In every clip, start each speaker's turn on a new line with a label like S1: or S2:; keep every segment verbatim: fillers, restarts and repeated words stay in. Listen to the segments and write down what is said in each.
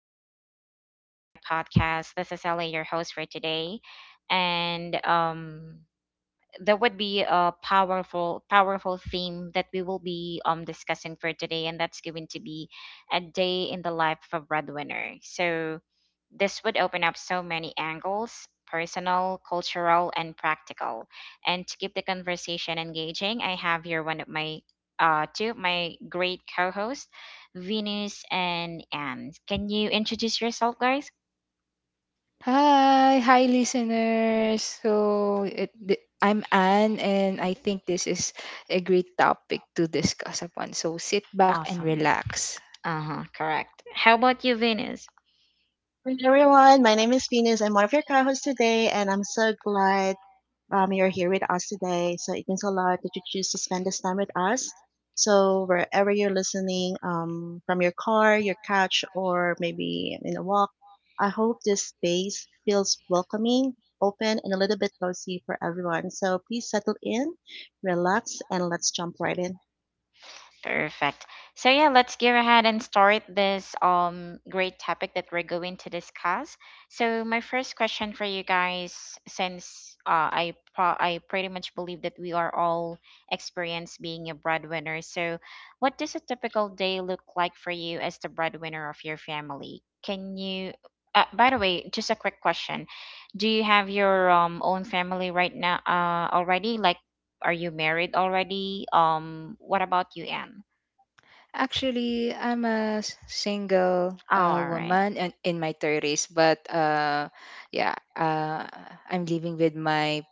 S1: for listening to our live podcast. This is Ellie, your host for today. And um, that would be a powerful powerful theme that we will be um discussing for today, and that's going to be a day in the life of a breadwinner. So this would open up so many angles, personal, cultural, and practical. And to keep the conversation engaging, I have here one of my uh two of my great co-hosts, Venus and Anne. Can you introduce yourself, guys?
S2: Hi, hi listeners. So it, th- I'm Anne, and I think this is a great topic to discuss upon. So sit back and
S1: Awesome.
S2: relax.
S1: Uh-huh, correct. How about you, Venus?
S3: Hi everyone, my name is Venus. I'm one of your co-hosts today, and I'm so glad um, you're here with us today. So it means a lot that you choose to spend this time with us. So wherever you're listening, um, from your car, your couch, or maybe in a walk, I hope this space feels welcoming, open, and a little bit cozy for everyone. So please settle in, relax, and let's jump right in.
S1: Perfect. So yeah, let's go ahead and start this um great topic that we're going to discuss. So my first question for you guys, since uh, I pro- I pretty much believe that we are all experienced being a breadwinner. So what does a typical day look like for you as the breadwinner of your family? Can you? Uh, by the way, just a quick question: do you have your um own family right now? Uh, already, like, are you married already? Um, what about you, Anne?
S2: Actually, I'm a s- single
S1: Oh,
S2: uh,
S1: all right.
S2: woman and in my thirties, but uh, yeah, uh, I'm living with my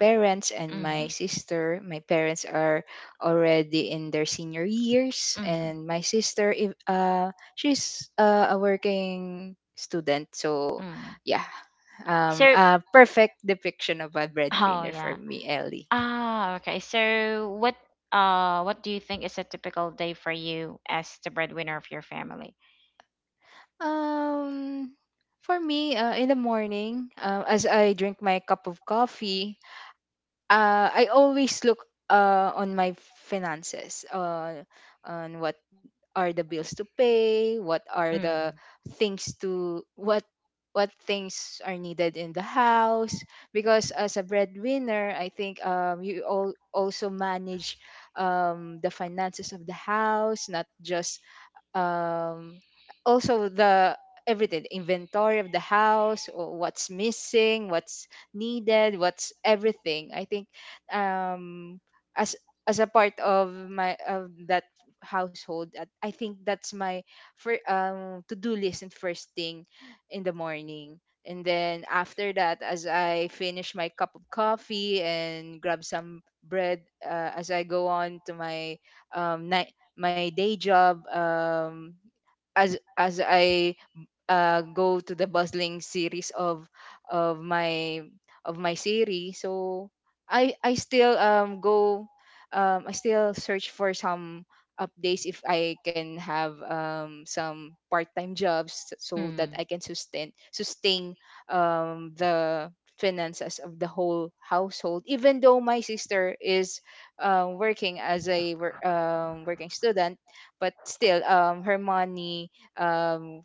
S2: parents and my
S1: Mhm.
S2: sister. My parents are already in their senior years,
S1: Mhm.
S2: and my sister, if, uh, she's uh, a working student. So,
S1: Mm.
S2: yeah, um,
S1: So,
S2: a perfect depiction of a
S1: oh
S2: breadwinner for
S1: yeah.
S2: me, Ellie.
S1: Ah, okay. So, what uh what do you think is a typical day for you as the breadwinner of your family?
S2: Um, for me, uh, in the morning, uh, as I drink my cup of coffee, uh, I always look uh, on my finances, uh, on what are the bills to pay, what are the
S1: Mm.
S2: things to what what things are needed in the house. Because as a breadwinner, I think um, you all also manage um, the finances of the house, not just um also the everything, the inventory of the house, or what's missing, what's needed, what's everything. I think um as as a part of my of that household at- I think that's my for um to-do list and first thing in the morning. And then after that, as I finish my cup of coffee and grab some bread, uh, as I go on to my um, night my day job. Um as as I uh, go to the bustling series of of my of my series. So I I still um go, um I still search for some updates if I can have um some part-time jobs so that
S1: Mm.
S2: I can sustain sustain um the finances of the whole household, even though my sister is uh working as a wor- um, working student, but still um, her money, um,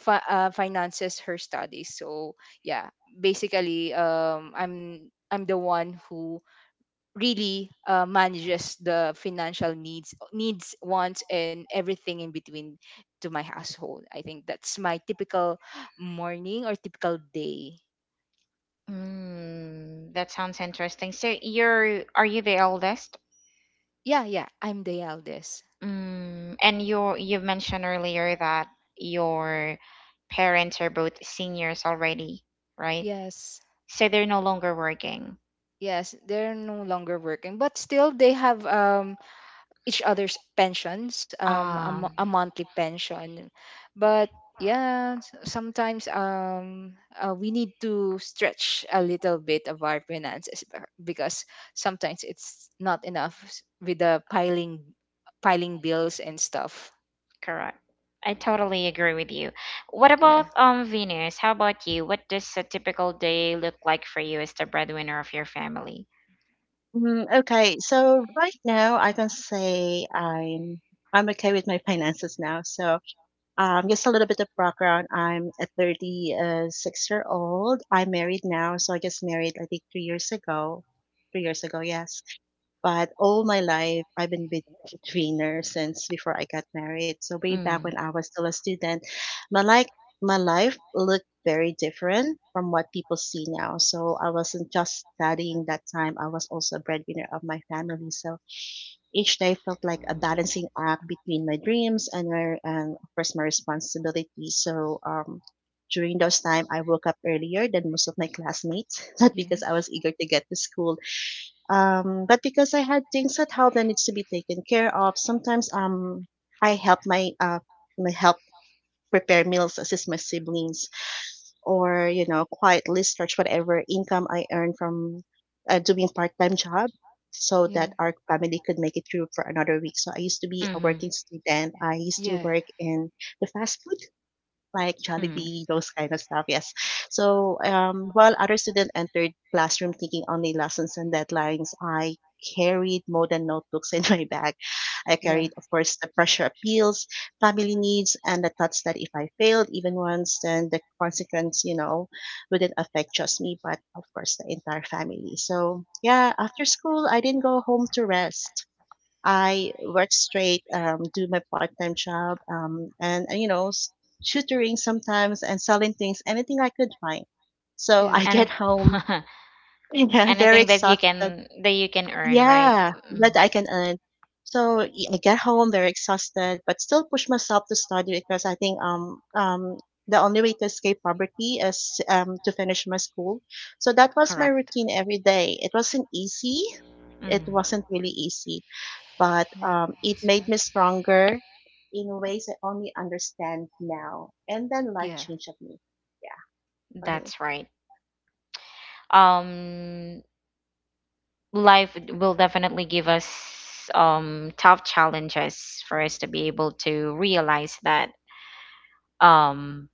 S2: fi- uh, finances her studies. So yeah, basically um i'm i'm the one who really uh, manages the financial needs needs wants, and everything in between to my household. I think that's my typical morning or typical day.
S1: Mm. That sounds interesting. So, you're are you the eldest?
S2: Yeah yeah I'm the eldest.
S1: Mm. And you you mentioned earlier that your parents are both seniors already, right?
S2: Yes.
S1: So they're no longer working.
S2: Yes, they're no longer working, but still they have um each other's pensions, um, a,
S1: Um,
S2: mo- a monthly pension. But yeah, s- sometimes um, uh, we need to stretch a little bit of our finances be- because sometimes it's not enough s- with the piling, piling bills and stuff.
S1: Correct. I totally agree with you. What
S2: Yeah.
S1: about um Venus? How about you? What does a typical day look like for you as the breadwinner of your family?
S3: Mm, okay, so right now I can say I'm I'm okay with my finances now. So Um, just a little bit of background. I'm a thirty six year old. I'm married now, so I just married, I think, three years ago. Three years ago, yes. But all my life, I've been with a trainer since before I got married. So way back when
S1: Mm.
S3: I was still a student, my like my life looked very different from what people see now. So I wasn't just studying that time. I was also a breadwinner of my family. So each day felt like a balancing act between my dreams and my and of course my responsibility. So um during those time I woke up earlier than most of my classmates, not because I was
S2: Yes.
S3: eager to get to school um, but because I had things at home that needs to be taken care of, sometimes um I help my uh my help prepare meals, assist my siblings, or you know quietly stretch whatever income I earn from uh, doing part-time job so that
S2: Yeah.
S3: our family could make it through for another week. So I used to be a
S1: Mm-hmm.
S3: working student. I used to
S2: Yeah.
S3: work in the fast food like
S1: Mm.
S3: Jollibee, those kind of stuff. Yes. So um, while other students entered classroom thinking only lessons and deadlines, I carried more than notebooks in my bag. I
S2: Yeah.
S3: carried, of course, the pressure appeals, family needs, and the thoughts that if I failed even once, then the consequence, you know, wouldn't affect just me, but of course the entire family. So yeah, after school, I didn't go home to rest. I work straight, um, do my part-time job, um, and, and, you know, s- tutoring sometimes and selling things, anything I could find. So
S2: Yeah.
S3: I
S1: And
S3: get home,
S1: if-
S3: yeah, very
S1: anything that you
S3: exhausted.
S1: can that you can earn, right?
S3: Yeah,
S1: Mm,
S3: that I can earn. So y- I get home very exhausted, but still push myself to study because I think um um the only way to escape poverty is um to finish my school. So that was my
S1: correct.
S3: routine every day. It wasn't easy. It
S1: Mm.
S3: wasn't really easy but
S2: Yeah.
S3: um, it
S2: It's
S3: made me
S2: not.
S3: stronger in ways I only understand now. And then life
S2: Yeah.
S3: changed of me. Yeah, for me.
S1: That's right. Um, life will definitely give us um tough challenges for us to be able to realize that um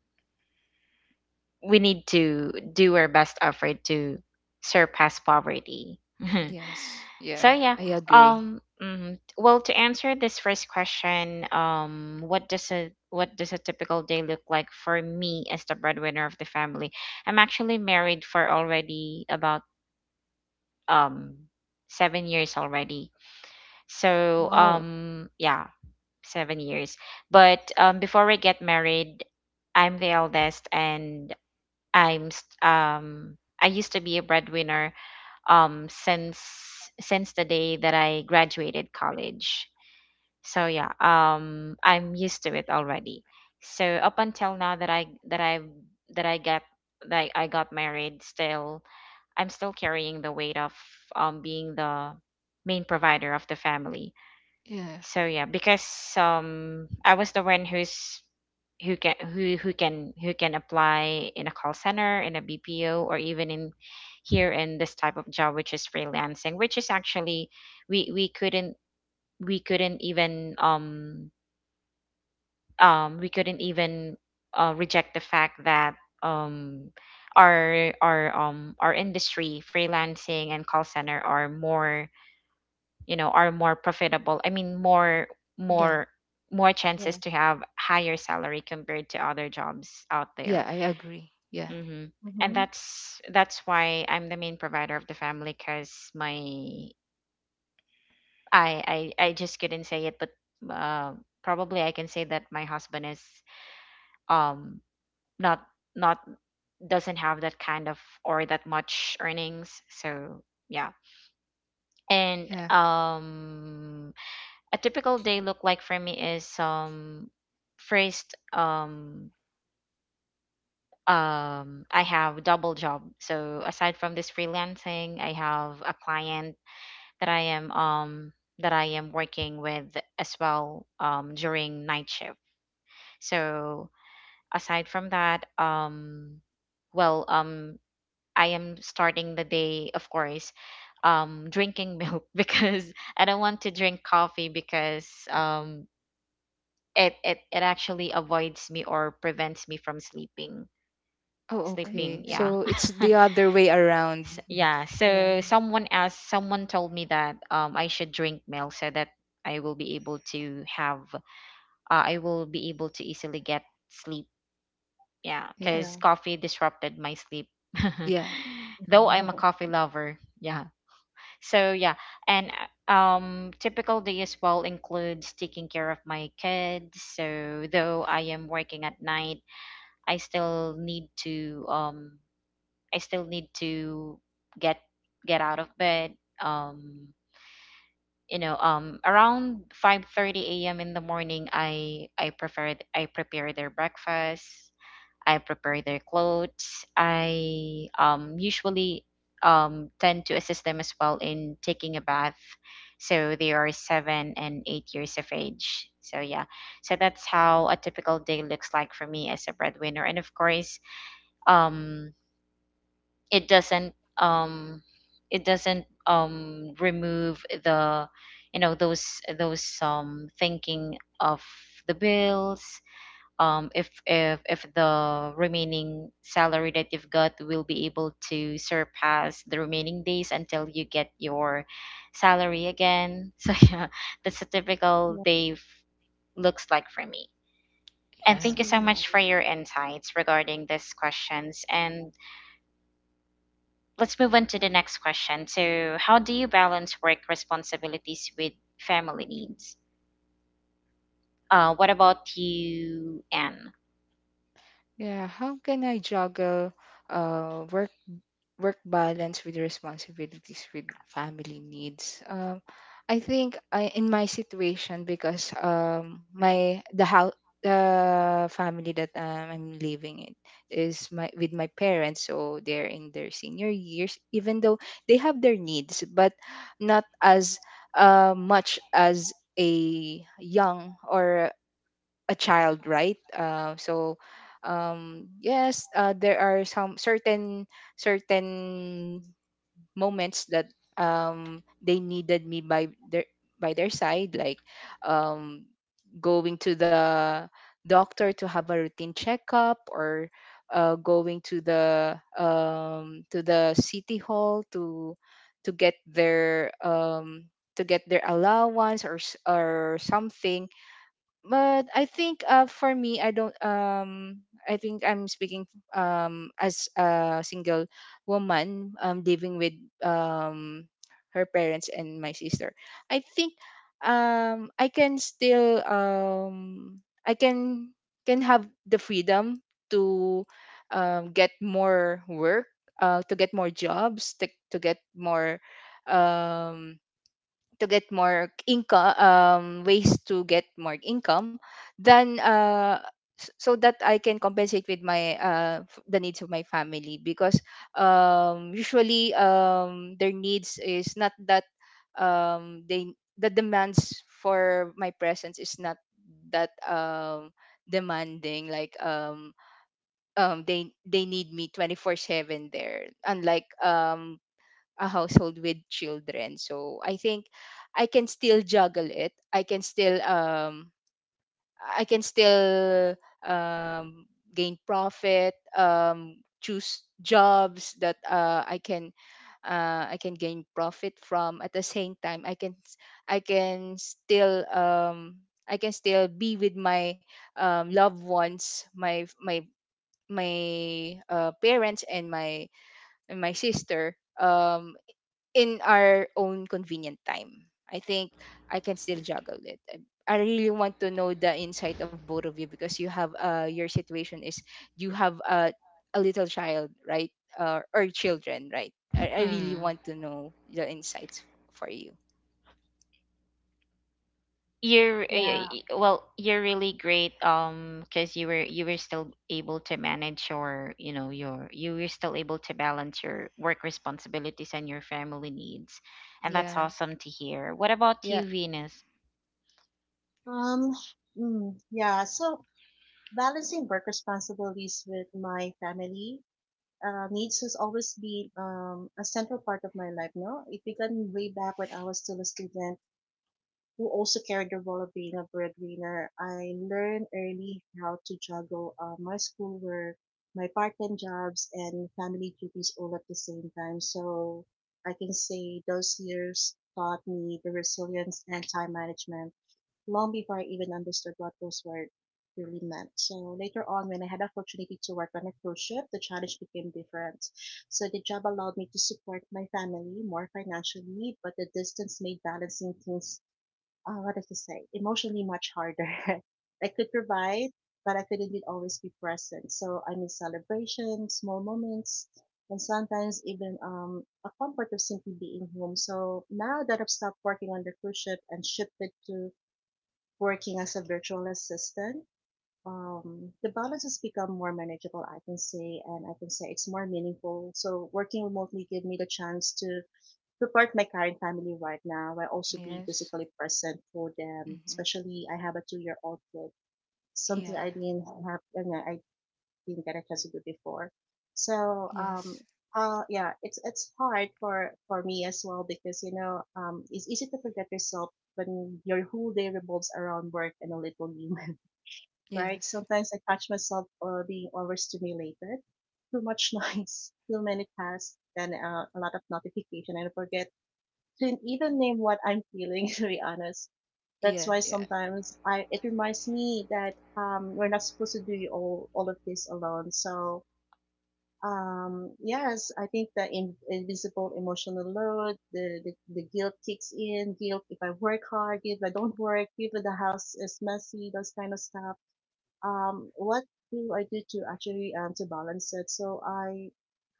S1: we need to do our best effort to surpass poverty.
S2: Yes. Yeah.
S1: So yeah,
S2: I
S3: Yes.
S2: agree.
S1: um mm, well, to answer this first question, um, what does a what does a typical day look like for me as the breadwinner of the family? I'm actually married for already about um seven years already. So
S2: Wow.
S1: um yeah, seven years. But um before I get married, I'm the eldest, and I'm st- um I used to be a breadwinner um since since the day that I graduated college. So yeah, um, I'm used to it already. So up until now that I that I that I got that I got married, still I'm still carrying the weight of um being the main provider of the family.
S2: Yeah.
S1: So yeah, because um I was the one who's who can who who can who can apply in a call center, in a B P O, or even in here in this type of job, which is freelancing, which is actually we we couldn't we couldn't even um um we couldn't even uh, reject the fact that um our our um our industry, freelancing and call center, are more, you know, are more profitable. I mean, more
S2: Yeah.
S1: more more
S3: Yeah.
S1: chances to have higher salary compared to other jobs out
S2: Yeah.
S1: there.
S2: I agree. Yeah.
S1: Hmm. And
S3: Mm-hmm.
S1: that's that's why I'm the main provider of the family because my I, I I just couldn't say it, but uh, probably I can say that my husband is um not not doesn't have that kind of or that much earnings. So yeah. And
S2: Yeah.
S1: um a typical day look like for me is, um, first, um um I have double job. So aside from this freelancing, I have a client that I am um that I am working with as well um during night shift. So aside from that, um well um I am starting the day, of course, um drinking milk because I don't want to drink coffee because um it it it actually avoids me or prevents me from sleeping
S2: Oh,
S3: Mm-hmm.
S1: sleeping
S2: okay.
S1: Yeah.
S2: So
S3: Yeah.
S2: it's the other way around.
S1: S
S3: Mhm.
S1: yeah so
S3: Yeah.
S1: someone else someone told me that um I should drink milk so that I will be able to have uh, I will be able to easily get sleep. Yeah,
S2: Yeah.
S1: because
S3: Yeah.
S1: coffee disrupted my sleep.
S2: Yeah.
S1: Though I'm a
S3: Mhm.
S1: coffee lover. Yeah. So yeah. And uh, um typical day as well includes taking care of my kids. So though I am working at night, I still need to um I still need to get get out of bed. Um, you know, um, around five thirty a m in the morning, I I prefer I prepare their breakfast. I prepare their clothes. I um usually um tend to assist them as well in taking a bath. So they are seven and eight years of age. So yeah. So that's how a typical day looks like for me as a breadwinner. And of course, um it doesn't um it doesn't um remove the, you know, those those um thinking of the bills, um if if if the remaining salary that you've got will be able to surpass the remaining days until you get your salary again. So yeah, that's a typical
S3: yeah.
S1: day f- looks like for me.
S3: I
S1: And thank
S2: Yeah.
S1: you
S3: see.
S1: so
S3: Wow.
S1: much for your insights regarding these questions, and let's move on to the next question. So, how do you balance work responsibilities with family needs? Uh, what about you, Anne?
S2: Yeah, how can I juggle uh work work balance with responsibilities with family needs? Um, I think I in my situation, because um my the house, the family that um, I'm living in, is my with my parents, so they're in their senior years. Even though they have their needs, but not as uh, much as a young or a child, right? Uh, so um, yes, uh, there are some certain certain moments that um, they needed me by their by their side, like um, going to the doctor to have a routine checkup, or uh, going to the um, to the city hall to to get their um, to get their allowance or s- or something. But I think uh, for me, I don't. Um, I think I'm speaking um as a single woman um living with um her parents and my sister. I think um I can still um I can can have the freedom to um get more work, uh to get more jobs, to to get more um to get more income, um, ways to get more income, then uh, s- so that I can compensate with my uh, f- the needs of my family. Because um, usually um, their needs is not that um, they the demands for my presence is not that um, demanding, like um, um, they they need me twenty-four seven there, unlike um, a household with children. So I think I can still juggle it. I can still um i can still um gain profit, um choose jobs that uh, I can uh, I can gain profit from. At the same time, I can s- I can still um i can still be with my um, loved ones, my my my uh, parents and my and my sister, um in our own convenient time. I think I can still juggle it. I I really want to know the insight of both of you, because you have uh your situation is you have a a little child, right? Uh, or children, right? I, I really
S1: Hmm.
S2: want to know the insights f- for you.
S1: You're uh,
S3: Yeah.
S1: y- y- well, you're really great. Um, because you were you were still able to manage your, you know, your you were still able to balance your work responsibilities and your family needs, and that's
S2: Yeah.
S1: awesome to hear. What about
S2: Yeah.
S1: you, Venus?
S3: Um. Mm, yeah. So balancing work responsibilities with my family uh, needs has always been um, a central part of my life. No, it began way back when I was still a student who also carried the role of being a breadwinner, I learned early how to juggle uh, my schoolwork, my part-time jobs, and family duties all at the same time. So I can say those years taught me the resilience and time management long before I even understood what those words really meant. So later on, when I had the opportunity to work on a cruise ship, the challenge became different. So the job allowed me to support my family more financially, but the distance made balancing things uh, what does it say? Emotionally much harder. I could provide, but I couldn't always be present. So I miss celebrations, small moments, and sometimes even um, a comfort of simply being home. So now that I've stopped working on the cruise ship and shifted to working as a virtual assistant, um, the balance has become more manageable, I can say, and I can say it's more meaningful. So working remotely gave me the chance to support my current family right now while also being
S2: Yes.
S3: physically present for them.
S2: Hmm.
S3: Especially, I have a two year old kid,
S2: Yeah.
S3: something I didn't have, and I didn't get a chance to do before. So, um,
S2: Yes.
S3: uh, yeah, it's it's hard for for me as well because you know, um, it's easy to forget yourself when your whole day revolves around work and a little you, right?
S2: Yes.
S3: Sometimes I catch myself uh, being overstimulated too much noise, too many tasks, and uh, a lot of notification, and I forget couldn't even name what I'm feeling, to be honest. That's
S2: Yes.
S3: why
S2: Yeah.
S3: sometimes I it reminds me that um, we're not supposed to do all all of this alone. So um, yes, I think the in, invisible emotional load, the, the the guilt kicks in. Guilt if I work hard, guilt if I don't work, guilt if the house is messy, those kind of stuff. Um, what do I do to actually um, to balance it? So I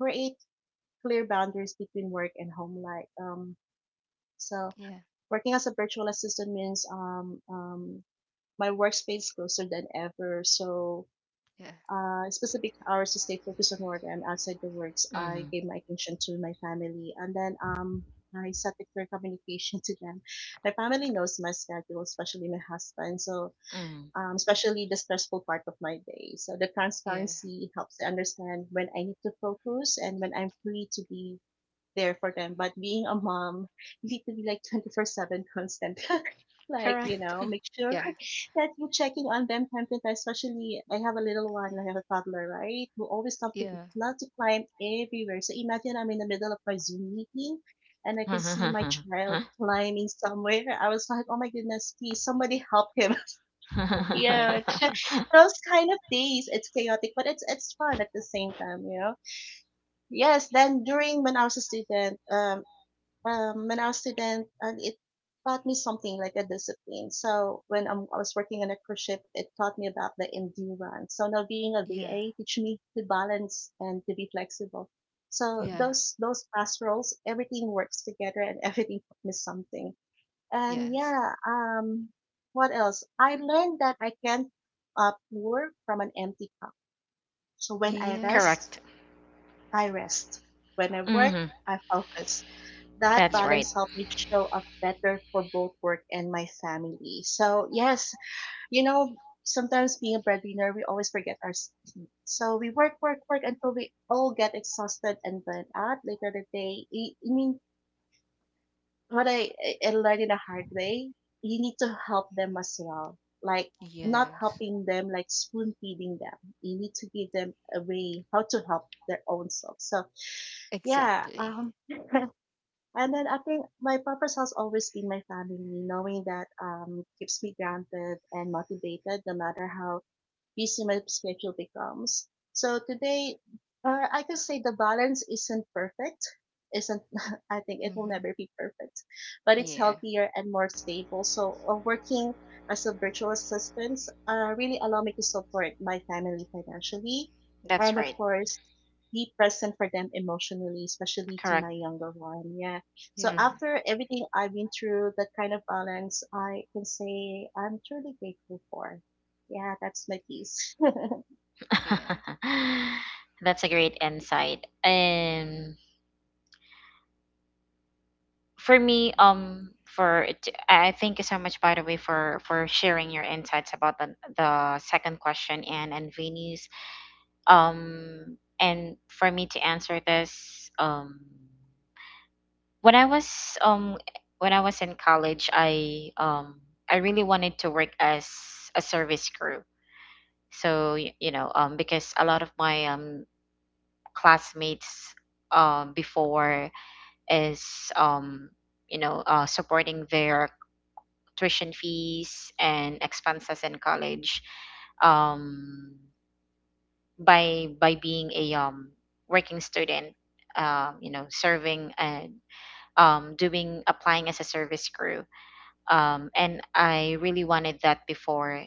S3: create clear boundaries between work and home life. Um, so
S2: Yeah.
S3: Working as a virtual assistant means um, um, my workspace is closer than ever. So,
S2: Yeah.
S3: uh, specific hours to stay focused on work and outside the works, I
S1: Mm-hmm.
S3: gave my attention to my family. And then um, I set a clear communication to them. My family knows my schedule, especially my husband. So,
S1: Mm-hmm.
S3: um, especially the stressful part of my day. So, the
S2: Yeah.
S3: transparency helps to understand when I need to focus and when I'm free to be there for them. But being a mom, you need to be like twenty four seven constant. like, you
S1: Correct.
S3: know, make sure
S2: Yeah.
S3: that you're checking on them time to time. Especially, I have a little one, I have a toddler, right? Who always love to,
S2: Yeah.
S3: love to climb everywhere. So imagine I'm in the middle of my Zoom meeting and I can see my child climbing somewhere. I was like, oh my goodness, please somebody help him.
S2: Oh
S3: yeah,
S2: my.
S3: those kind of days, it's chaotic, but it's it's fun at the same time, you know. Yes, then during when I was a student, um, um, when I was a student, and it taught me something like a discipline. So when I'm, I was working on a cruise ship, it taught me about the endurance. So now being a
S2: Yeah.
S3: V A teach me to balance and to be flexible. So
S2: Yeah.
S3: those those pastorals, everything works together and everything taught me something. And
S2: Yes.
S3: yeah, um, what else? I learned that I can't uh, pour from an empty cup. So when I rest,
S1: Correct.
S2: Yes.
S3: I rest. When I work,
S1: Mm-hmm.
S3: I focus that
S1: That's
S2: Yeah.
S1: right.
S3: balance helped me show up better for both work and my family. So, yes, you know, sometimes being a breadwinner, we always forget our sleep. So, we work, work, work until we all get exhausted and burnt out later the day. I I mean, what I, I learned in a hard way, you need to help them as well. Like, not
S2: Yes.
S3: helping them, like spoon feeding them. You need to give them a way how to help their own self. So, yeah,
S2: Exactly.
S3: um, And then I think my purpose has always been my family, knowing that um keeps me grounded and motivated no matter how busy my schedule becomes. So today, uh, I can say the balance isn't perfect. Isn't I think it will
S2: Mm-hmm.
S3: never be perfect, but it's
S2: Yeah.
S3: healthier and more stable. So uh, working as a virtual assistant uh, really allow me to support my family financially,
S1: That's
S3: and
S1: right.
S3: of course, be present for them emotionally, especially to
S1: Correct.
S3: my younger one. Yeah. So
S2: Yeah.
S1: Hmm.
S3: after everything I've been through, that kind of balance, I can say I'm truly grateful for. Yeah, that's my piece.
S2: Yeah.
S1: That's a great insight. And for
S2: Yeah.
S1: me, um, for it- I thank you so much, by the way, for for sharing your insights about the the second question and and Vinny's. Um, and for me to answer this, um, when I was um when I was in college, I um I really wanted to work as a service crew. So y- you know, um because a lot of my um classmates um before is um you know, uh supporting their tuition fees and expenses in college, um by by being a, um working student, um you know, serving, and um doing, applying as a service crew. Um, and I really wanted that before,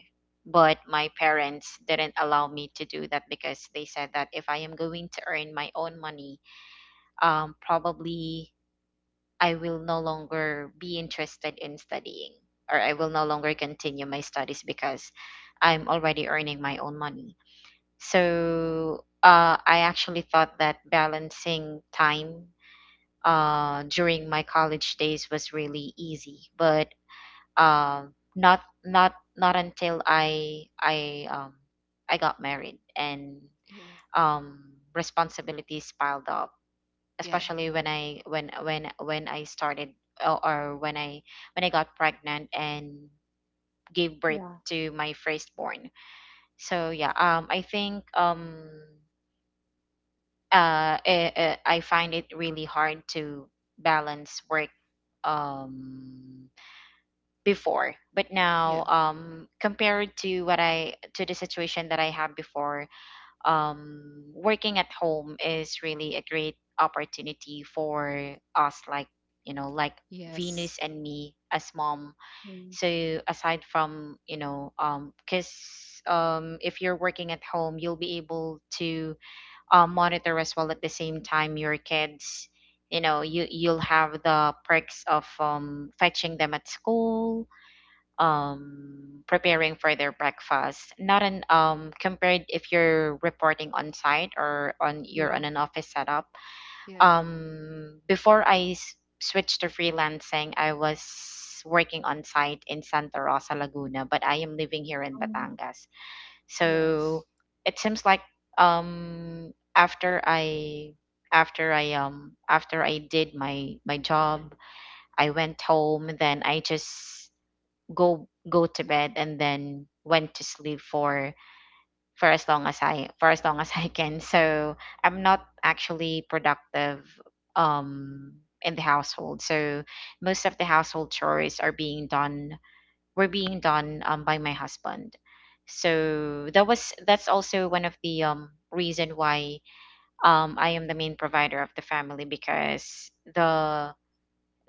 S1: but my parents didn't allow me to do that because they said that if I am going to earn my own money, um, probably I will no longer be interested in studying, or I will no longer continue my studies because I'm already earning my own money. So uh, I actually thought that balancing time uh, during my college days was really easy, but um not not not until i i um I got married and
S2: Yeah.
S1: um responsibilities piled up,
S2: Yeah.
S1: especially when i when when when I started, or, or when i when I got pregnant and gave birth
S3: yeah.
S1: to my firstborn. So
S2: Oh.
S1: yeah, um I think um uh eh, eh, I find it really hard to balance work um before. But now,
S2: Yeah.
S1: um compared to what I to the situation that I had before, um working at home is really a great opportunity for us, like, you know, like Venus
S2: Yes.
S1: and me as mom.
S3: Mm,
S1: So aside from, you know, um because um if you're working at home, you'll be able to uh, monitor as well, at the same time, your kids. You know, you you'll have the perks of um fetching them at school, um preparing for their breakfast, not an um compared if you're reporting on site, or on you're
S3: yeah.
S1: on an office setup.
S2: Yeah.
S1: Um, before i s- switched to freelancing, I was working on site in Santa Rosa, Laguna, but I am living here in
S3: Mhm.
S1: Batangas. So
S2: Yes.
S1: it seems like, um after i after i um after I did my my job, I went home, then I just go go to bed and then went to sleep for for as long as I for as long as I can. So I'm not actually productive um in the household. So most of the household chores are being done were being done, um, by my husband. So that was that's also one of the um reason why um I am the main provider of the family, because the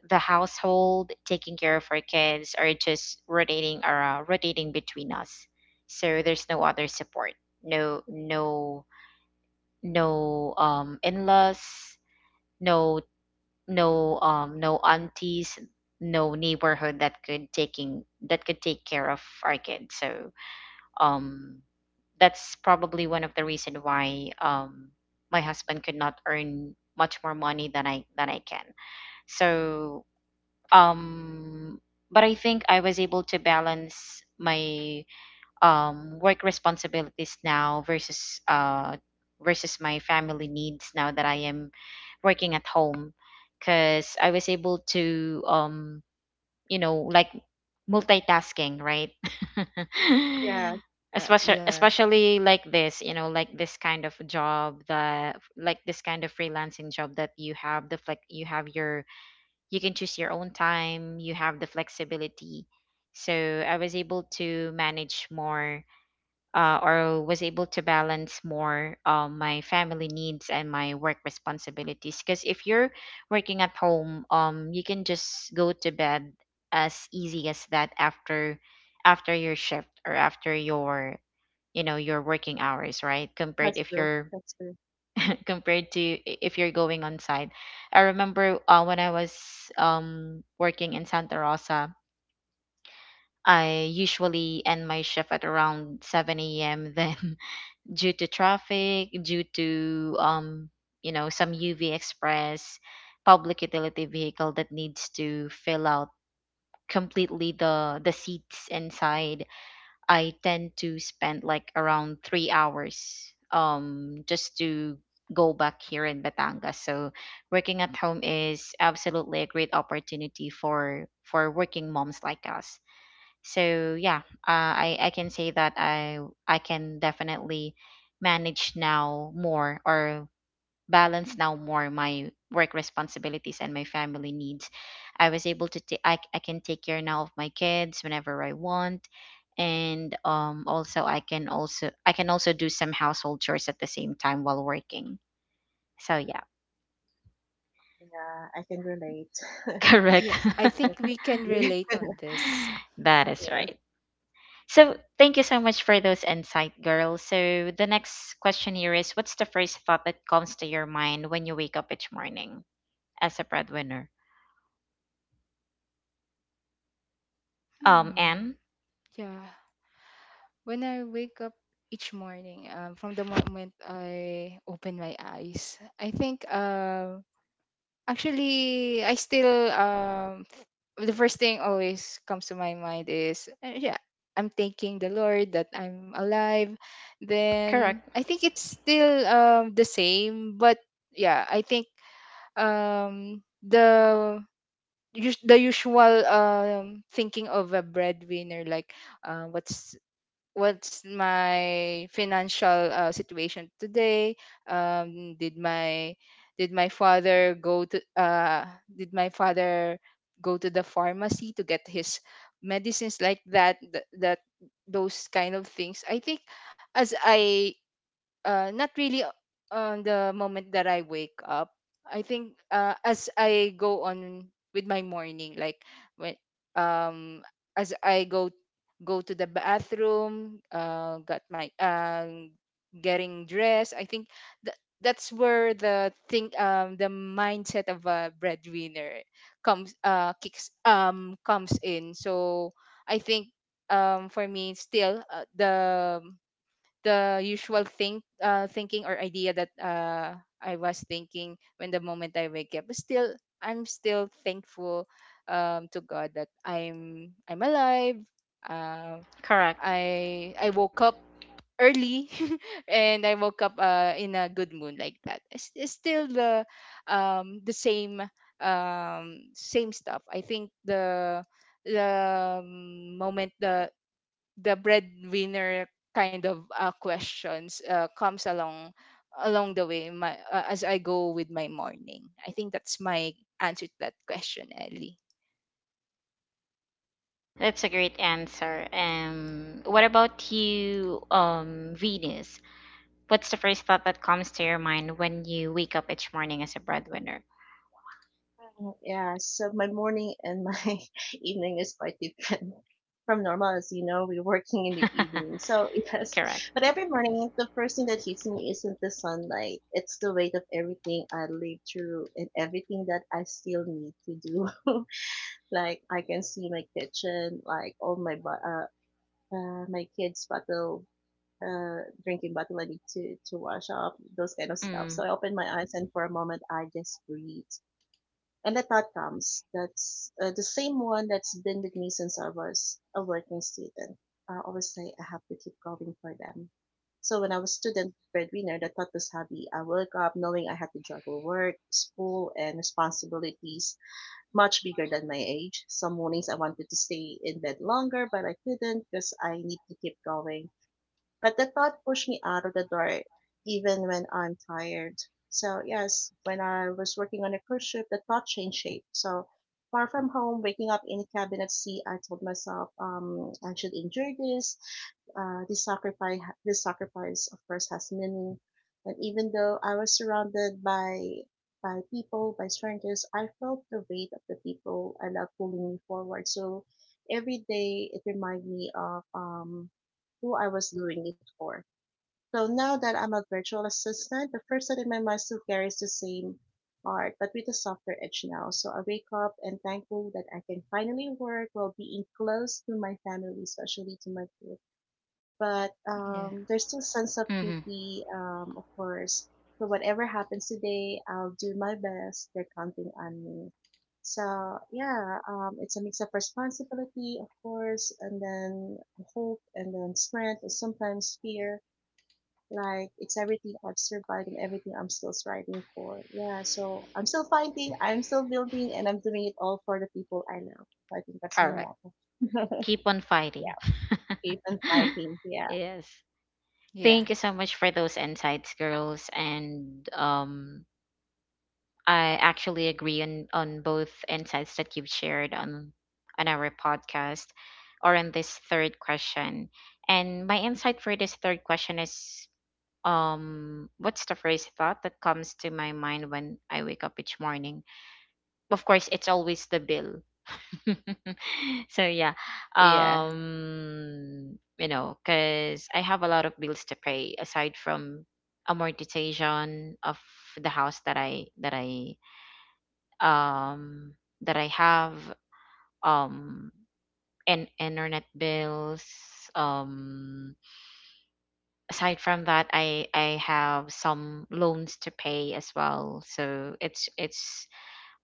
S1: the household, taking care of our kids, or just rotating or uh, rotating between us. So there's no other support, no no no um in-laws, no no um no aunties, no neighborhood that could taking that could take care of our kids. So um that's probably one of the reason why um my husband could not earn much more money than I than I can. So um but I think I was able to balance my um work responsibilities now versus uh versus my family needs now that I am working at home because I was able to, um you know like multitasking, right?
S3: Yeah,
S2: Yeah.
S1: especially
S2: Yeah.
S1: especially like this, you know, like this kind of job, the like this kind of freelancing job that you have the flex you have your you can choose your own time, you have the flexibility. So I was able to manage more, uh, or was able to balance more, uh, my family needs and my work responsibilities, because if you're working at home, um you can just go to bed as easy as that after after your shift or after your, you know, your working hours, right? Compared
S3: that's
S1: if
S3: true.
S1: you're
S3: That's true.
S1: compared to i- if you're going on site. I remember, uh, when I was um, working in Santa Rosa, I usually end my shift at around seven a m. Then, due to traffic, due to, um, you know some U V Express public utility vehicle that needs to fill out completely the the seats inside, I tend to spend like around three hours um just to go back here in Batangas. So working at home is absolutely a great opportunity for for working moms like us. So yeah, uh, I I can say that I I can definitely manage now more, or balance now more, my work responsibilities and my family needs. I was able to ta- I, I can take care now of my kids whenever I want. And um also I can, also I can also do some household chores at the same time while working. So yeah,
S3: Yeah, I can relate.
S1: correct.
S2: Yeah. I think we can
S3: That's-
S2: relate on this.
S1: That is
S3: yes.
S1: right. So thank you so much for those insight, girls. So the next question here is, what's the first thought that comes to your mind when you wake up each morning as a breadwinner? Um,
S2: Hmm.
S1: Anne?
S2: Yeah. When I wake up each morning, um, from the moment I open my eyes, I think um Actually, I still um the first thing always comes to my mind is uh, yeah, I'm thanking the Lord that I'm alive. Then
S1: Correct.
S2: I think it's still um the same. But yeah, I think um the us- the usual um thinking of a breadwinner, like uh, what's what's my financial uh, situation today, um did my did my father go to uh did my father go to the pharmacy to get his medicines, like that th- that those kind of things. I think as I uh, not really o- on the moment that I wake up. I think uh, as I go on with my morning, like when um as I go go to the bathroom, uh, got my um getting dressed, I think that that's where the thing um the mindset of a breadwinner comes uh kicks um comes in. So I think um for me, still uh, the the usual think uh, thinking or idea that uh, I was thinking when the moment I wake up. But still, I'm still thankful um, to God that I'm I'm alive. Um,
S1: Correct.
S2: I I woke up early and I woke up uh, in a good mood like that. It's, it's still the um, the same um, same stuff. I think the the um, moment the the breadwinner kind of uh, questions uh, comes along along the way in my uh, as I go with my morning. I think that's my answer to that question, Ellie.
S1: That's a great answer. Um, what about you, um, Venus? What's the first thought that comes to your mind when you wake up each morning as a breadwinner?
S3: Mm, yeah, so my morning and my evening is quite different from normal. As you know, we're working in the evening. So, yes,
S1: Correct.
S3: but every morning, the first thing that hits me isn't the sunlight, it's the weight of everything I lived through and everything that I still need to do. Like, I can see my kitchen, like, all my, bo- uh, uh, my kids' bottle. Uh, drinking bottle I need to to wash off those kind of stuff.
S1: Mm,
S3: So I open my eyes and for a moment I just breathe and the thought comes that's uh, the same one that's been with me since I was a working student. I always say I have to keep going for them. So when I was student breadwinner, the thought was heavy. I woke up knowing I had to juggle work, school, and responsibilities much bigger than my age. Some mornings I wanted to stay in bed longer, but I couldn't because I need to keep going. But the thought pushed me out of the door even when I'm tired. So yes, when I was working on a cruise ship, the thought changed shape. So far from home, waking up in a cabin at sea, I told myself, um, I should endure this. Uh, this sacrifice, this sacrifice, of course, has meaning. And even though I was surrounded by by people, by strangers, I felt the weight of the people I love pulling me forward. So every day, it reminded me of um, who I was doing it for. So now that I'm a virtual assistant, the first thought in my mind still carries the same art, but with a softer edge now. So I wake up and thankful that I can finally work while being close to my family, especially to my kids, but
S2: Yeah.
S3: um, there's still sense of
S1: mm-hmm.
S3: duty, um, of course. So whatever happens today, I'll do my best. They're counting on me. So yeah, um, it's a mix of responsibility, of course, and then hope, and then strength, and sometimes fear. Like it's everything I've survived and everything I'm still striving for. Yeah, so I'm still fighting, I'm still building, and I'm doing it all for the people I love. So I think that's my
S1: Correct.
S3: motto.
S1: Keep on fighting.
S3: Yeah, keep on fighting. Yeah.
S1: Yes.
S2: Yeah.
S1: Thank you so much for those insights, girls. And um, I actually agree on on both insights that you've shared on on our podcast or on this third question. And my insight for this third question is, um what's the first thought that comes to my mind when I wake up each morning? Of course, it's always the bill. So yeah.
S2: Yeah.
S1: Um, you know, cuz I have a lot of bills to pay aside from amortization of the house that I that I um, that I have, um, and internet bills. Um, aside from that, I I have some loans to pay as well. So it's it's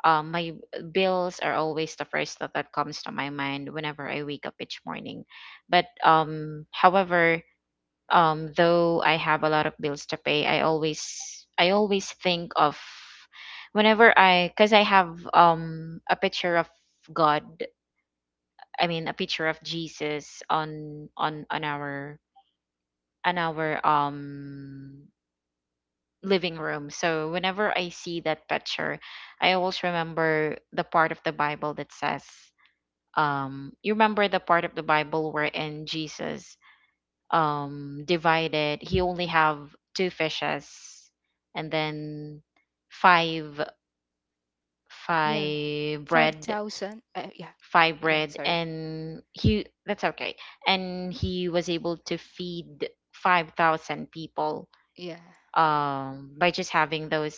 S1: um, my bills are always the first thought that comes to my mind whenever I wake up each morning. But um, however, um though I have a lot of bills to pay, i always i always think of, whenever I, cuz I have um a picture of god, I mean a picture of Jesus on on on our on our um living room, so whenever I see that picture, I always remember the part of the Bible that says, um you remember the part of the Bible wherein Jesus um divided, he only have two fishes and then five
S2: Yeah.
S1: five bread,
S2: five thousand. Uh, yeah.
S1: five
S2: Yeah,
S1: bread,
S2: sorry.
S1: and he, that's okay, and he was able to feed five thousand people
S2: Yeah.
S1: um by just having those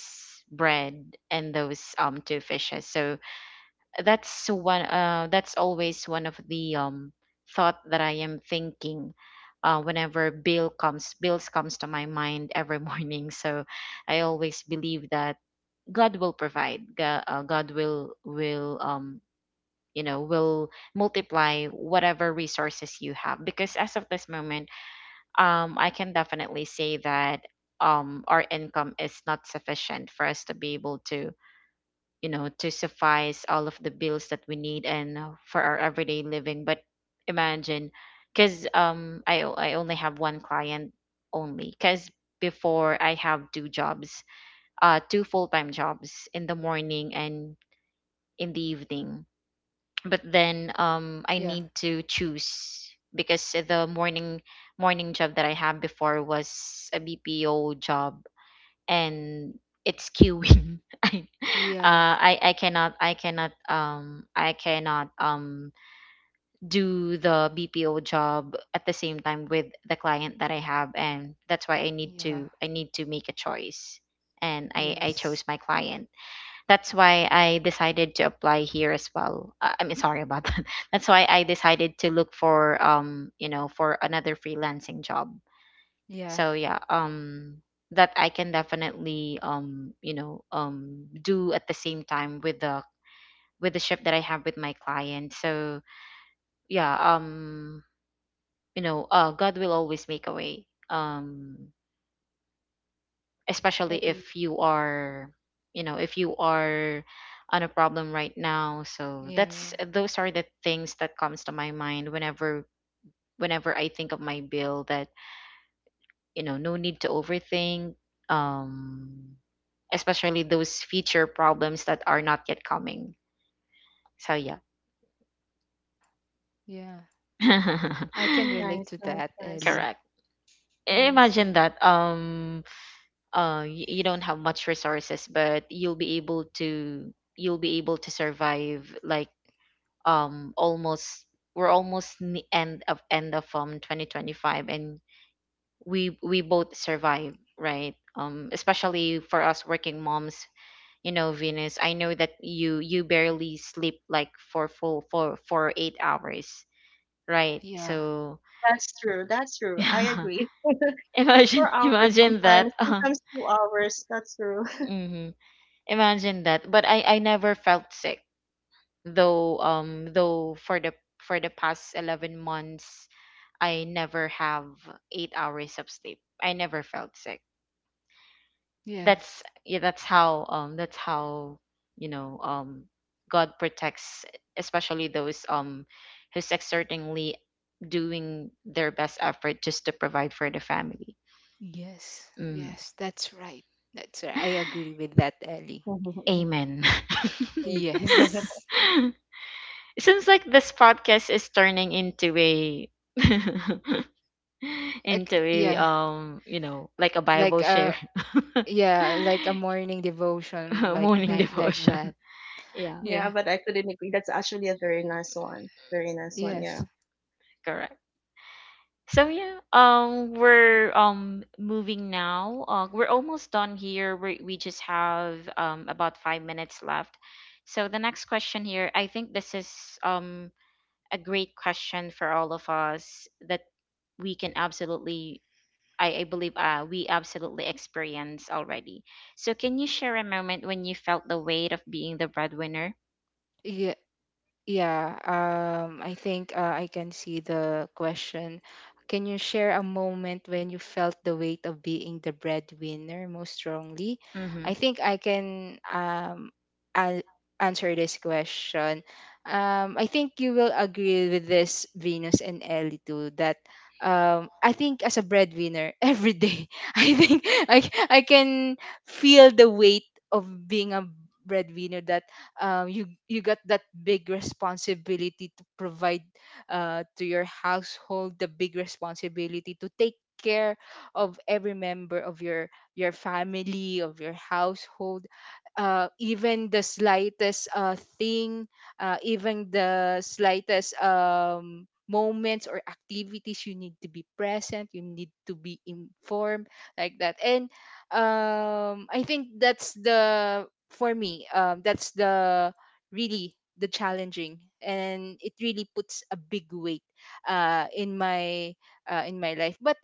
S1: bread and those um two fishes. So that's one, uh that's always one of the um thought that I am thinking, uh whenever bill comes bills comes to my mind every morning. So I always believe that God will provide God, uh, God will will um, you know, will multiply whatever resources you have, because as of this moment, um I can definitely say that um our income is not sufficient for us to be able to, you know, to suffice all of the bills that we need, and, uh, for our everyday living. But imagine, because, um I, o- I only have one client only, because before I have two jobs, uh two full-time jobs in the morning and in the evening, but then um I
S2: Yeah.
S1: need to choose, because the morning morning job that I had before was a BPO job, and it's queuing. I,
S2: Yeah.
S1: uh, I I cannot, I cannot um I cannot um do the B P O job at the same time with the client that I have, and that's why I need
S2: Yeah.
S1: to I need to make a choice, and I I
S2: Yes.
S1: chose my client. That's why I decided to apply here as well. Uh, I mean, sorry about that. That's why I decided to look for, um you know, for another freelancing job,
S2: Yeah.
S1: so yeah, um that I can definitely, um you know, um do at the same time with the with the shift that I have with my client. So yeah, um you know, uh God will always make a way, um especially if
S3: Okay.
S1: you are, you know, if you are on a problem right now. So that's
S2: Yeah.
S1: those are the things that comes to my mind whenever, whenever I think of my bill, that, you know, no need to overthink, um especially those future problems that are not yet coming. So yeah.
S2: Yeah. I can relate
S3: Nice,
S2: to
S3: nice,
S2: that,
S3: nice,
S2: Ellie.
S1: Correct. I-
S3: nice.
S1: Imagine
S3: Yeah,
S1: that, um uh you, you don't have much resources, but you'll be able to, you'll be able to survive. Like, um almost, we're almost in the end of end of um twenty twenty-five, and we we both survive, right? Um, especially for us working moms, you know, Venus, I know that you you barely sleep like for full, for for eight hours, right?
S2: Yeah.
S1: So
S3: that's true. That's true. I agree.
S1: imagine,
S3: Four hours
S1: imagine that.
S3: sometimes, sometimes two hours. That's true.
S1: Hmm, imagine that. But i i never felt sick, though, um though for the, for the past eleven months, I never have eight hours of sleep, I never felt sick.
S2: Yes.
S1: That's, yeah, that's how, um that's how, you know, um God protects, especially those um who's exertingly doing their best effort just to provide for the family.
S2: Yes,
S1: Mm.
S2: yes, that's right. That's right. I agree with that, Ellie.
S1: Amen.
S2: Yes.
S1: It seems like this podcast is turning into a
S2: Like
S1: into a,
S2: yeah,
S1: um you know,
S2: uh,
S1: like a
S2: like
S1: Bible
S2: uh
S1: share.
S2: yeah, like a morning devotion, like
S1: Morning
S2: like like
S1: devotion,
S2: that.
S1: yeah.
S3: Yeah,
S2: Yeah.
S3: but I couldn't agree. That's actually a very nice one. Very nice one. Yeah.
S2: Yes.
S1: Correct. So yeah, um, we're um moving now. Uh, we're almost done here. We we just have um about five minutes left. So the next question here, I think this is um a great question for all of us that we can absolutely, I I believe, uh we absolutely experience already. So can you share a moment when you felt the weight of being the breadwinner?
S2: Yeah. Yeah, um, I think uh, I can see the question. Can you share a moment when you felt the weight of being the breadwinner most strongly?
S1: Mm-hmm.
S2: I think I can um, an- answer this question. Um, I think you will agree with this, Venus and Ellie, too, that um, I think as a breadwinner, every day, I think I, I can feel the weight of being a breadwinner. That um, you you got that big responsibility to provide uh, to your household, the big responsibility to take care of every member of your your family, of your household. Uh, even the slightest uh, thing, uh, even the slightest um, moments or activities, you need to be present. You need to be informed like that. And um, I think that's the for me, um, that's the really the challenging, and it really puts a big weight uh, in my uh, in my life. But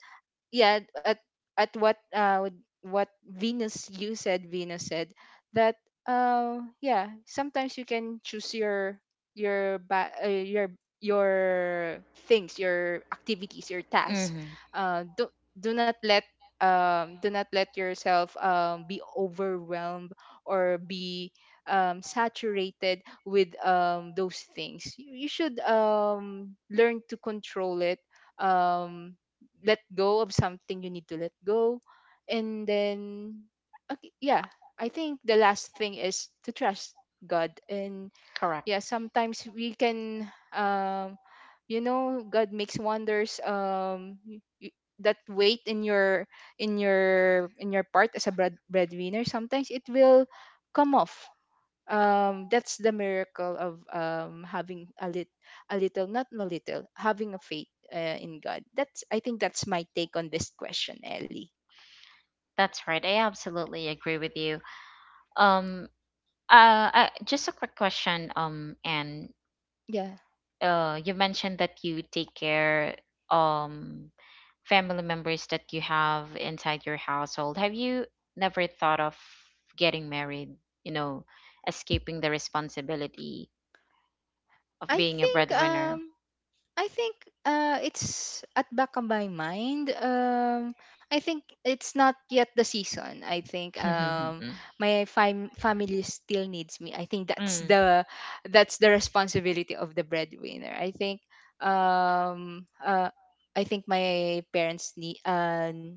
S2: yeah, at at what uh what what venus you said venus said, that uh yeah, sometimes you can choose your your ba- uh, your your things, your activities, your tasks.
S1: Mm-hmm.
S2: uh do, do not let um do not let yourself um be overwhelmed or be um saturated with um those things. you, you should um learn to control it, um let go of something you need to let go. And then okay, yeah, I think the last thing is to trust God. And
S1: Correct.
S2: yeah, sometimes we can um you know, God makes wonders. Um y- y- that weight in your in your in your part as a bread, breadwinner, sometimes it will come off. Um that's the miracle of um having a lit a little, not a little, having a faith uh, in God. That's, I think that's my take on this question, Ellie.
S1: That's right. I absolutely agree with you. Um, Uh, I, just a quick question, um, and
S2: Yeah,
S1: uh, you mentioned that you take care um family members that you have inside your household. Have you never thought of getting married, you know, escaping the responsibility of
S2: I
S1: being a
S2: think
S1: breadwinner?
S2: um I think uh, it's at back of my mind. Um, I think it's not yet the season. I think um, my fam- family still needs me. I think that's
S1: Mm,
S2: the that's the responsibility of the breadwinner. I think um, uh, I think my parents need. Uh,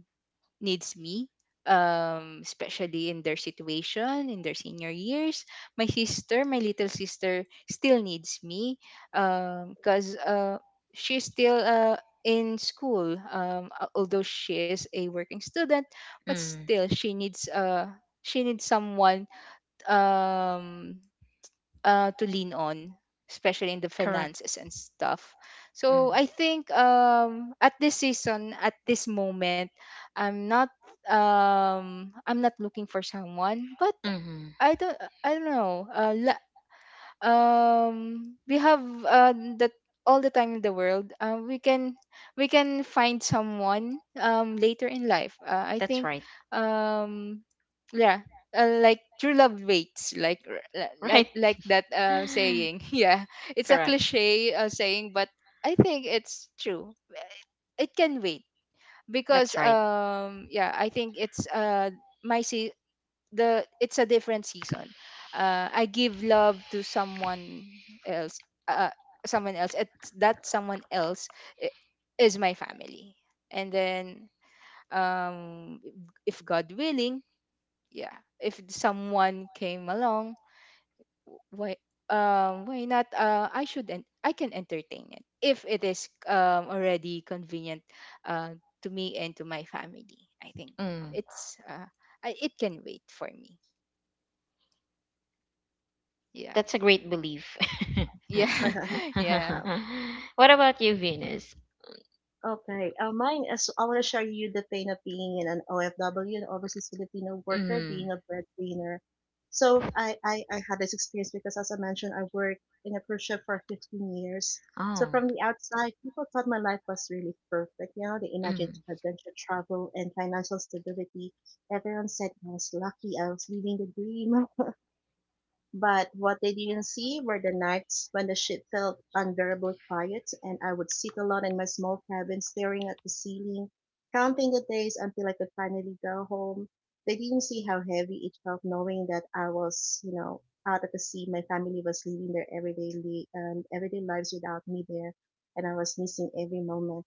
S2: needs me, um especially in their situation in their senior years. My sister, my little sister, still needs me, um because uh she's still uh in school, um a- although she is a working student, but
S1: mm,
S2: still she needs uh she needs someone um uh, to lean on, especially in the
S1: correct.
S2: finances and stuff. So
S1: Mm,
S2: I think um, at this season, at this moment, I'm not um, I'm not looking for someone. But
S1: mm-hmm.
S2: I don't I don't know. Uh, um we have uh, that all the time in the world. Uh, we can we can find someone um later in life, uh, I
S1: That's
S2: think
S1: right.
S2: um yeah, uh, like true love waits, like r- li- like
S1: Right.
S2: like that uh, saying. Yeah, it's a
S1: Correct.
S2: cliche uh, saying, but I think it's true. It can wait because
S1: That's right.
S2: um yeah, I think it's uh my the it's a different season. Uh, I give love to someone else. Uh, someone else. It's that someone else i- is my family. And then, um, if God willing, yeah, if someone came along, why, um, why not? Uh, I should and I can entertain it if it is um already convenient uh, to me and to my family. I think
S1: Mm.
S2: it's uh, I, it can wait for me. Yeah.
S1: That's a great belief.
S2: Yeah, yeah,
S3: Wow.
S1: What about you, Venus?
S3: Okay, uh, mine is I want to share you the pain of being in an O F W, an overseas Filipino worker,
S1: Mm.
S3: being a breadwinner. So I, I, I had this experience because, as I mentioned, I worked in a cruise ship for fifteen years. So
S1: Oh.
S3: from the outside, people thought my life was really perfect. You know, they imagined
S1: Mm.
S3: adventure travel and financial stability. Everyone said I was lucky. I was living the dream. But what they didn't see were the nights when the ship felt unbearably quiet and I would sit alone in my small cabin staring at the ceiling, counting the days until I could finally go home. They didn't see how heavy it felt knowing that I was, you know, out at the sea. My family was living their everyday, li- um, everyday lives without me there and I was missing every moment.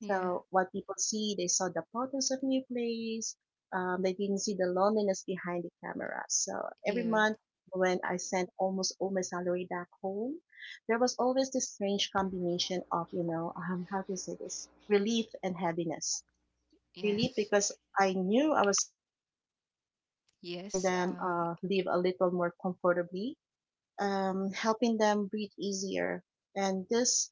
S2: yeah,
S3: So what people see, they saw the photos of new place. Um, they didn't see the loneliness behind the camera. So every
S2: yeah,
S3: month when I sent almost all my salary back home, there was always this strange combination of, you know, um, how to say this, relief and heaviness. Relief
S2: yes,
S3: because I knew I was helping them to survive, helping
S2: yes,
S3: them
S2: um,
S3: uh, live a little more comfortably, um, helping them breathe easier. And this,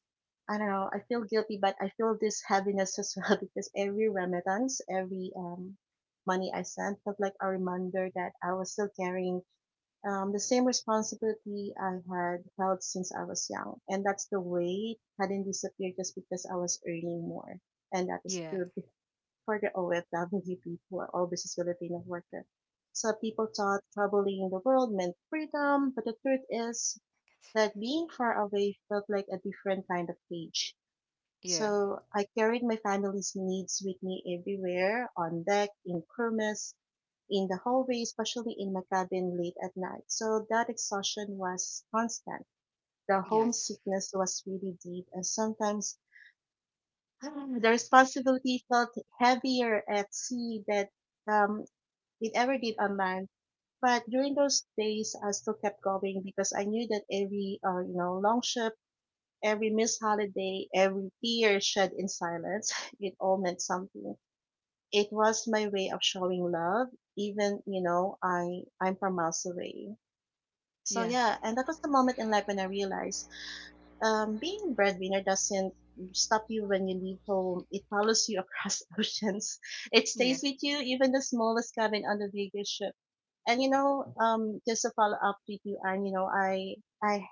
S3: I don't know, I feel guilty, but I feel this heaviness as well because every remittance, every um, money I sent felt like a reminder that I was still carrying um, the same responsibility I had held since I was young. And that's the weight hadn't disappeared just because I was earning more. And that is
S2: yeah,
S3: true be- for the O F W people, all business Filipino worker. So people thought traveling the world meant freedom, but the truth is that being far away felt like a different kind of cage.
S2: yeah,
S3: So I carried my family's needs with me everywhere, on deck, in kermes, in the hallway, especially in my cabin late at night. So that exhaustion was constant. The
S2: yes,
S3: homesickness was really deep, and sometimes ah, the responsibility felt heavier at sea than um, it ever did on land. But during those days, I still kept going because I knew that every, uh, you know, long ship. Every missed holiday, every tear shed in silence, it all meant something. It was my way of showing love, even you know I I'm from miles away. So
S2: yeah,
S3: yeah, and that was the moment in life when I realized um, being a breadwinner doesn't stop you when you leave home. It follows you across oceans. It
S2: yeah.
S3: stays with you, even the smallest cabin on the biggest ship. And you know, um, just to follow up with you, and you know, I, I,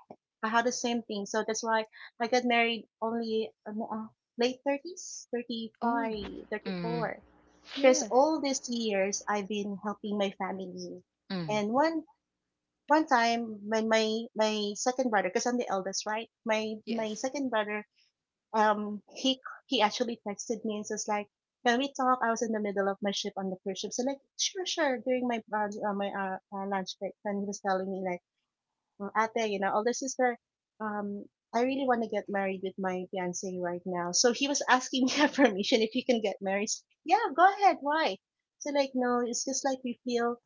S3: I had the same thing. So that's why I got married only um, uh, late thirties, five,
S2: Oh,
S3: thirty
S1: Mm.
S3: four. Because
S2: yeah,
S3: all these years I've been helping my family.
S1: Mm.
S3: And one one time my my my second brother, because I'm the eldest, right, my my
S2: yes,
S3: second brother, um he he actually texted me and says like, can we talk? I was in the middle of my shift on the cruise ship, so like, sure, sure, during my uh, uh, my uh, uh, lunch break, and he was telling me like, "Oh, ate, you know, older sister, um, I really want to get married with my fiance right now." So he was asking me permission if you can get married. So, yeah, go ahead. Why? So like, no, it's just like we feel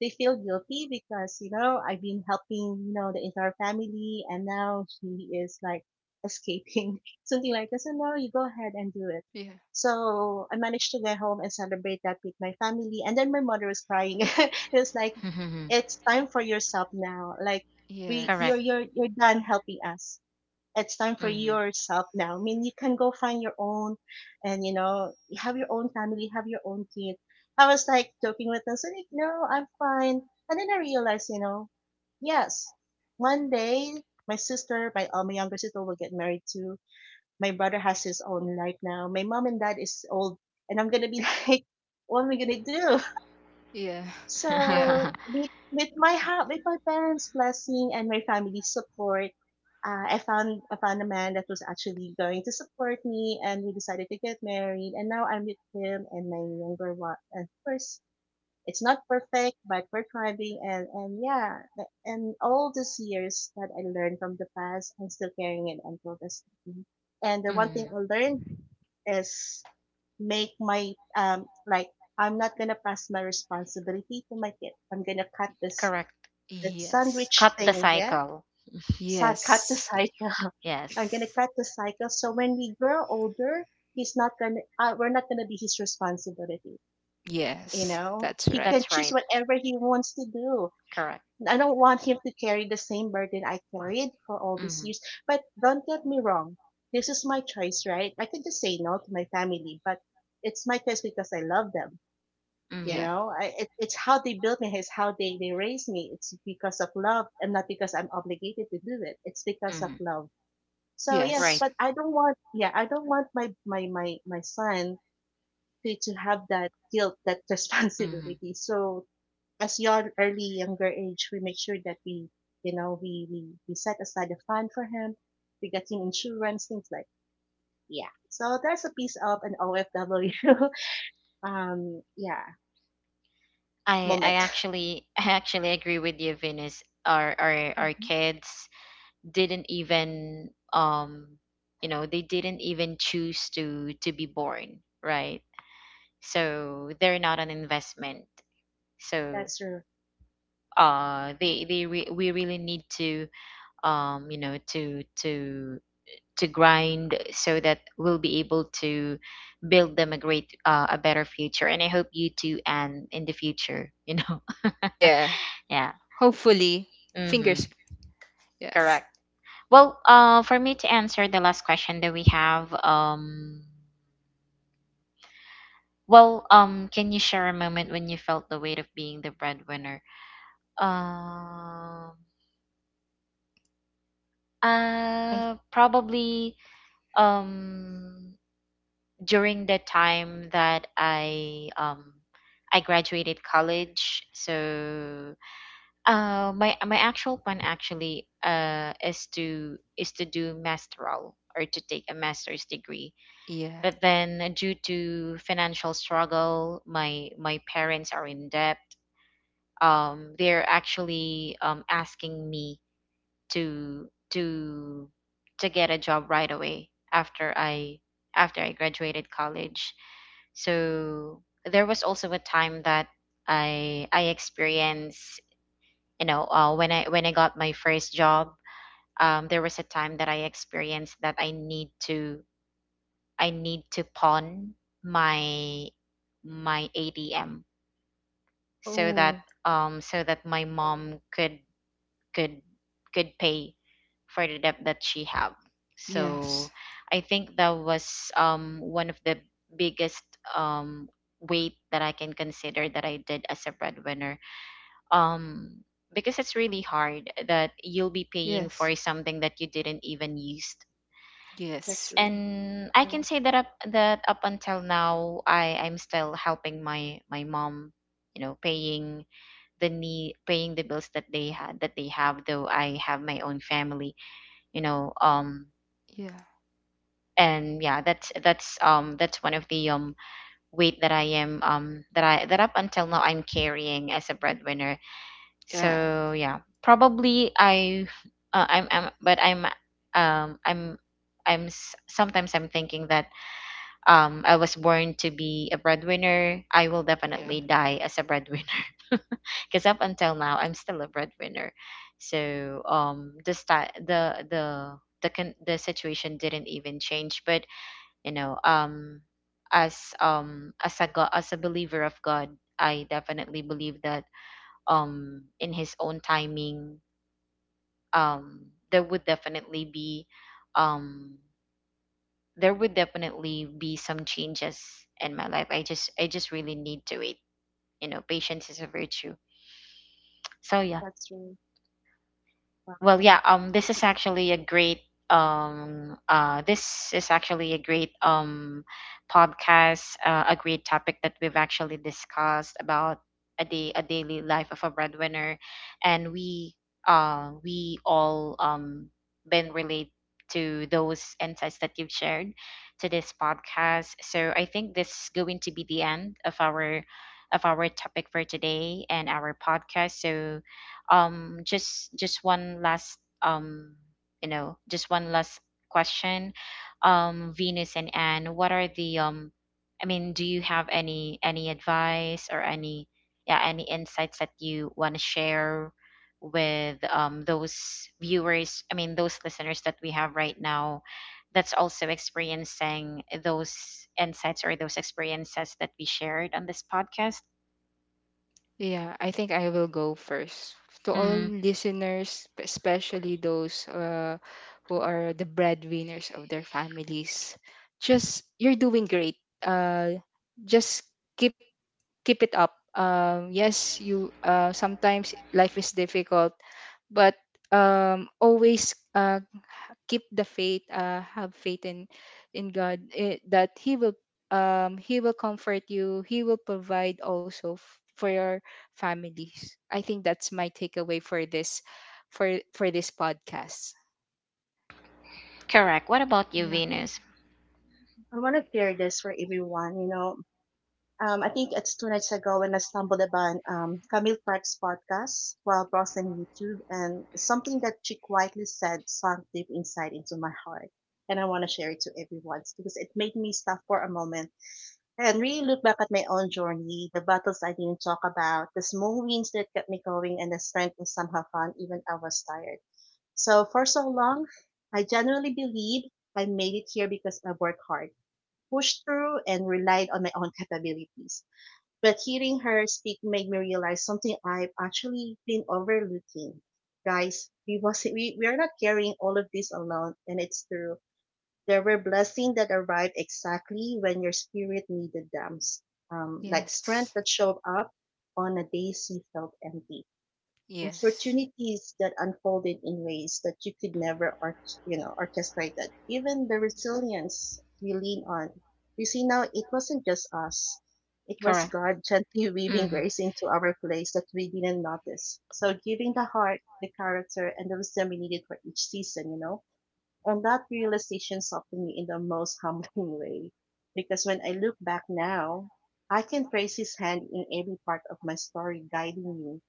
S3: they feel guilty because you know I've been helping, you know, the entire family, and now he is like escaping something like this. So, no, you go ahead and do it.
S2: yeah,
S3: So I managed to get home and celebrate that with my family. And then my mother was crying. It was like, it's time for yourself now. Like, we,
S1: Correct.
S3: you're
S2: yes,
S3: you're you're done helping us. It's time for
S1: Mm.
S3: yourself now. I mean, you can go find your own, and, you know, you have your own family, have your own kid. I was like joking with them, so like, no, I'm fine. And then I realized, you know, yes, one day my sister, my uh, my younger sister will get married too. My brother has his own life now. My mom and dad is old, and I'm gonna be like, what am I gonna do?
S2: yeah, yeah,
S3: So with with my ha- with my parents' blessing and my family's support, uh, I found, I found a man that was actually going to support me, and we decided to get married. And now I'm with him and my younger one. And of course, it's not perfect, but we're thriving. And and yeah, a- and all these years that I learned from the past, I'm still carrying it until this time. And the one
S1: Mm.
S3: thing I learned is make my um like I'm not gonna pass my responsibility to my kid. I'm gonna cut this,
S1: Correct.
S3: the
S2: yes,
S3: sandwich
S1: Cut the
S3: thing, yeah.
S1: cycle.
S3: So I cut the
S2: yes,
S3: cycle. I'm gonna
S1: Yes.
S3: cut the cycle. So when we grow older, he's not gonna. Uh, we're not gonna be his responsibility. You
S2: yes,
S3: know,
S2: that's
S3: he
S2: right.
S3: can
S1: That's
S3: choose
S1: right.
S3: whatever he wants to do.
S1: Correct.
S3: I don't want him to carry the same burden I carried for all these
S1: Mm.
S3: years. But don't get me wrong. This is my choice, right? I could just say no to my family, but it's my choice because I love them. You
S1: Mm.
S2: Yeah,
S3: know I, it, it's how they built me, it's how they, they raised me, it's because of love and not because I'm obligated to do it, it's because of
S1: Mm.
S3: love. So yes,
S1: Right.
S2: yes,
S3: but I don't want yeah, I don't want my my my, my son to, to have that guilt, that
S1: Mm.
S3: responsibility. So as young early younger age, we make sure that we you know we we, we set aside a fund for him, we get him insurance, things like yeah. So that's a piece of an OFW um yeah
S1: I I
S3: moment.
S1: actually I actually agree with you, Venus. Our our our
S3: Mhm.
S1: kids didn't even um you know, they didn't even choose to to be born, right? So they're not an investment. So
S3: That's true.
S1: uh they they re- we really need to um you know, to to to grind, so that we'll be able to build them a great, uh, a better future. And I hope you too, and in the future, you know.
S2: yeah,
S1: Yeah,
S2: hopefully,
S1: mm-hmm,
S2: fingers, yes,
S1: correct. Well, uh for me to answer the last question that we have, um well, um, can you share a moment when you felt the weight of being the breadwinner? Um,
S2: I,
S1: uh, probably um during the time that I um I graduated college. So, uh, my my actual plan actually, uh is to, is to do masteral, or to take a master's degree.
S2: yeah,
S1: But then, due to financial struggle, my my parents are in debt, um, they're actually, um, asking me to, to to get a job right away after I after I graduated college. So there was also a time that I I experienced, you know, uh, when I when I got my first job, um, there was a time that I experienced that I need to I need to pawn my my A T M, so that
S2: oh,
S1: um so that my mom could, could could pay for the debt that she have. So
S2: yes,
S1: I think that was, um one of the biggest, um weight that I can consider that I did as a breadwinner, um because it's really hard that you'll be paying
S2: yes,
S1: for something that you didn't even use.
S3: That's
S2: yes,
S3: true.
S1: And I
S3: Yeah,
S1: can say that up that up until now, i i'm still helping my my mom, you know, paying the need paying the bills that they had that they have, though I have my own family, you know. Um
S2: yeah,
S1: and yeah, that's that's um that's one of the, um weight that i am um that i that, up until now, I'm carrying as a breadwinner.
S2: yeah,
S1: So yeah, probably I, uh, i'm i'm but i'm um i'm I'm, s- sometimes I'm thinking that, um I was born to be a breadwinner, I will
S2: yeah.
S1: definitely die as a breadwinner. Because up until now, I'm still a breadwinner. So um the sti- the the the con- the situation didn't even change. But, you know, um as um as a God, as a believer of God, I definitely believe that, um in His own timing, um there would definitely be um there would definitely be some changes in my life. I just I just really need to wait. You know, patience is a virtue. So yeah.
S3: that's true.
S1: Well, yeah,
S3: Wow.
S1: um this is actually a great um uh this is actually a great, um podcast, uh, a great topic that we've actually discussed about, a day a daily life of a breadwinner. And we, uh we all, um been relate to those insights that you've shared to this podcast. So I think this is going to be the end of our, of our topic for today and our podcast. So um just just one last, um you know, just one last question, um Venus and Anne, what are the, um i mean do you have any, any advice or any, yeah, any insights that you want to share with, um those viewers, I mean those listeners that we have right now, that's also experiencing those insights or those experiences that we shared on this podcast?
S2: Yeah, I think I will go first. To all
S1: Mm,
S2: listeners, especially those uh, who are the breadwinners of their families, just you're doing great. Uh, just keep keep it up. Um, yes, you uh, sometimes life is difficult, but um, always uh, keep the faith, uh have faith in in God, eh, that he will um he will comfort you, he will provide also f- for your families. I think that's my takeaway for this, for for this podcast.
S1: correct. What about you,
S3: Yeah.
S1: Venus?
S3: I want to share this for everyone. You know, um, I think it's two nights ago when I stumbled upon um, Camille Park's podcast while browsing YouTube, and something that she quietly said sunk deep inside into my heart. And I want to share it to everyone because it made me stop for a moment and really look back at my own journey, the battles I didn't talk about, the small wins that kept me going, and the strength I somehow found even I was tired. So for so long, I generally believed I made it here because I worked hard, pushed through, and relied on my own capabilities. But hearing her speak made me realize something I've actually been overlooking. Guys, we wasn't we, we are not carrying all of this alone, and it's true. There were blessings that arrived exactly when your spirit needed them, s- um, like
S2: Yes.
S3: strength that showed up on a days you felt empty,
S2: Yes,
S3: opportunities that unfolded in ways that you could never or you know orchestrate, that even the resilience we lean on, you see now, it wasn't just us, it was
S1: Correct.
S3: God. Gently weaving
S1: Hmm.
S3: grace into our place that we didn't notice, so giving the heart, the character, and the wisdom we needed for each season, you know. And that realization softened me in the most humbling way because when I look back now, I can trace his hand in every part of my story, guiding me,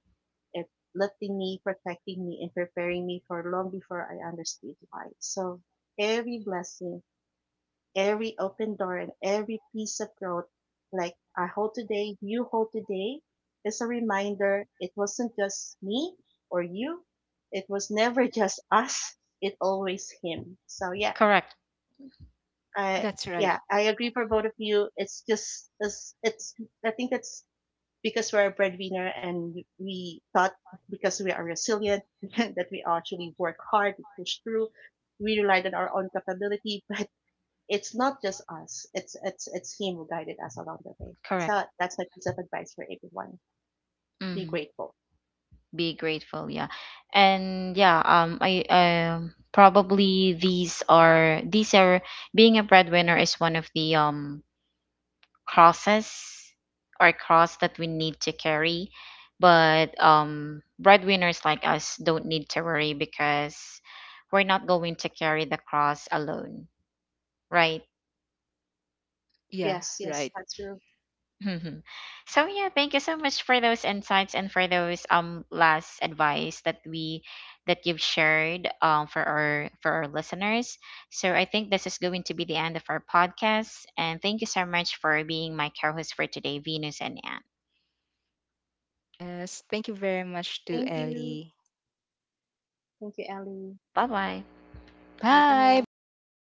S3: it's lifting me, protecting me, and preparing me for long before I understood why. So every blessing, every open door, and every piece of growth, like I hold today, you hold today, is a reminder it wasn't just me or you. It was never just us. It always him. So yeah,
S1: Correct,
S3: I
S2: that's right.
S3: yeah, I agree for both of you. It's just it's, it's I think that's because we're a breadwinner and we thought because we are resilient that we actually work hard, push through. We relied on our own capability, but it's not just us. It's it's it's him who guided us along the way.
S1: correct.
S3: So that's my piece of advice for everyone. Be
S1: Hmm.
S3: grateful.
S1: Be grateful, yeah. And yeah, um I um probably these are, these are being a breadwinner is one of the, um crosses, or cross that we need to carry. But um breadwinners like us don't need to worry, because we're not going to carry the cross alone, right?
S2: Yeah.
S3: Yes, yes,
S2: Right.
S3: that's true.
S1: Mhm. So yeah, thank you so much for those insights and for those um last advice that we that you've shared um for our for our listeners. So I think this is going to be the end of our podcast. And thank you so much for being my co-host for today, Venus and Anne.
S2: Yes, thank you very much to
S3: Thank you.
S2: Ellie.
S3: Thank you, Ellie.
S1: Bye-bye.
S3: Bye for
S2: Bye
S3: now.
S2: bye, listeners.
S3: Bye.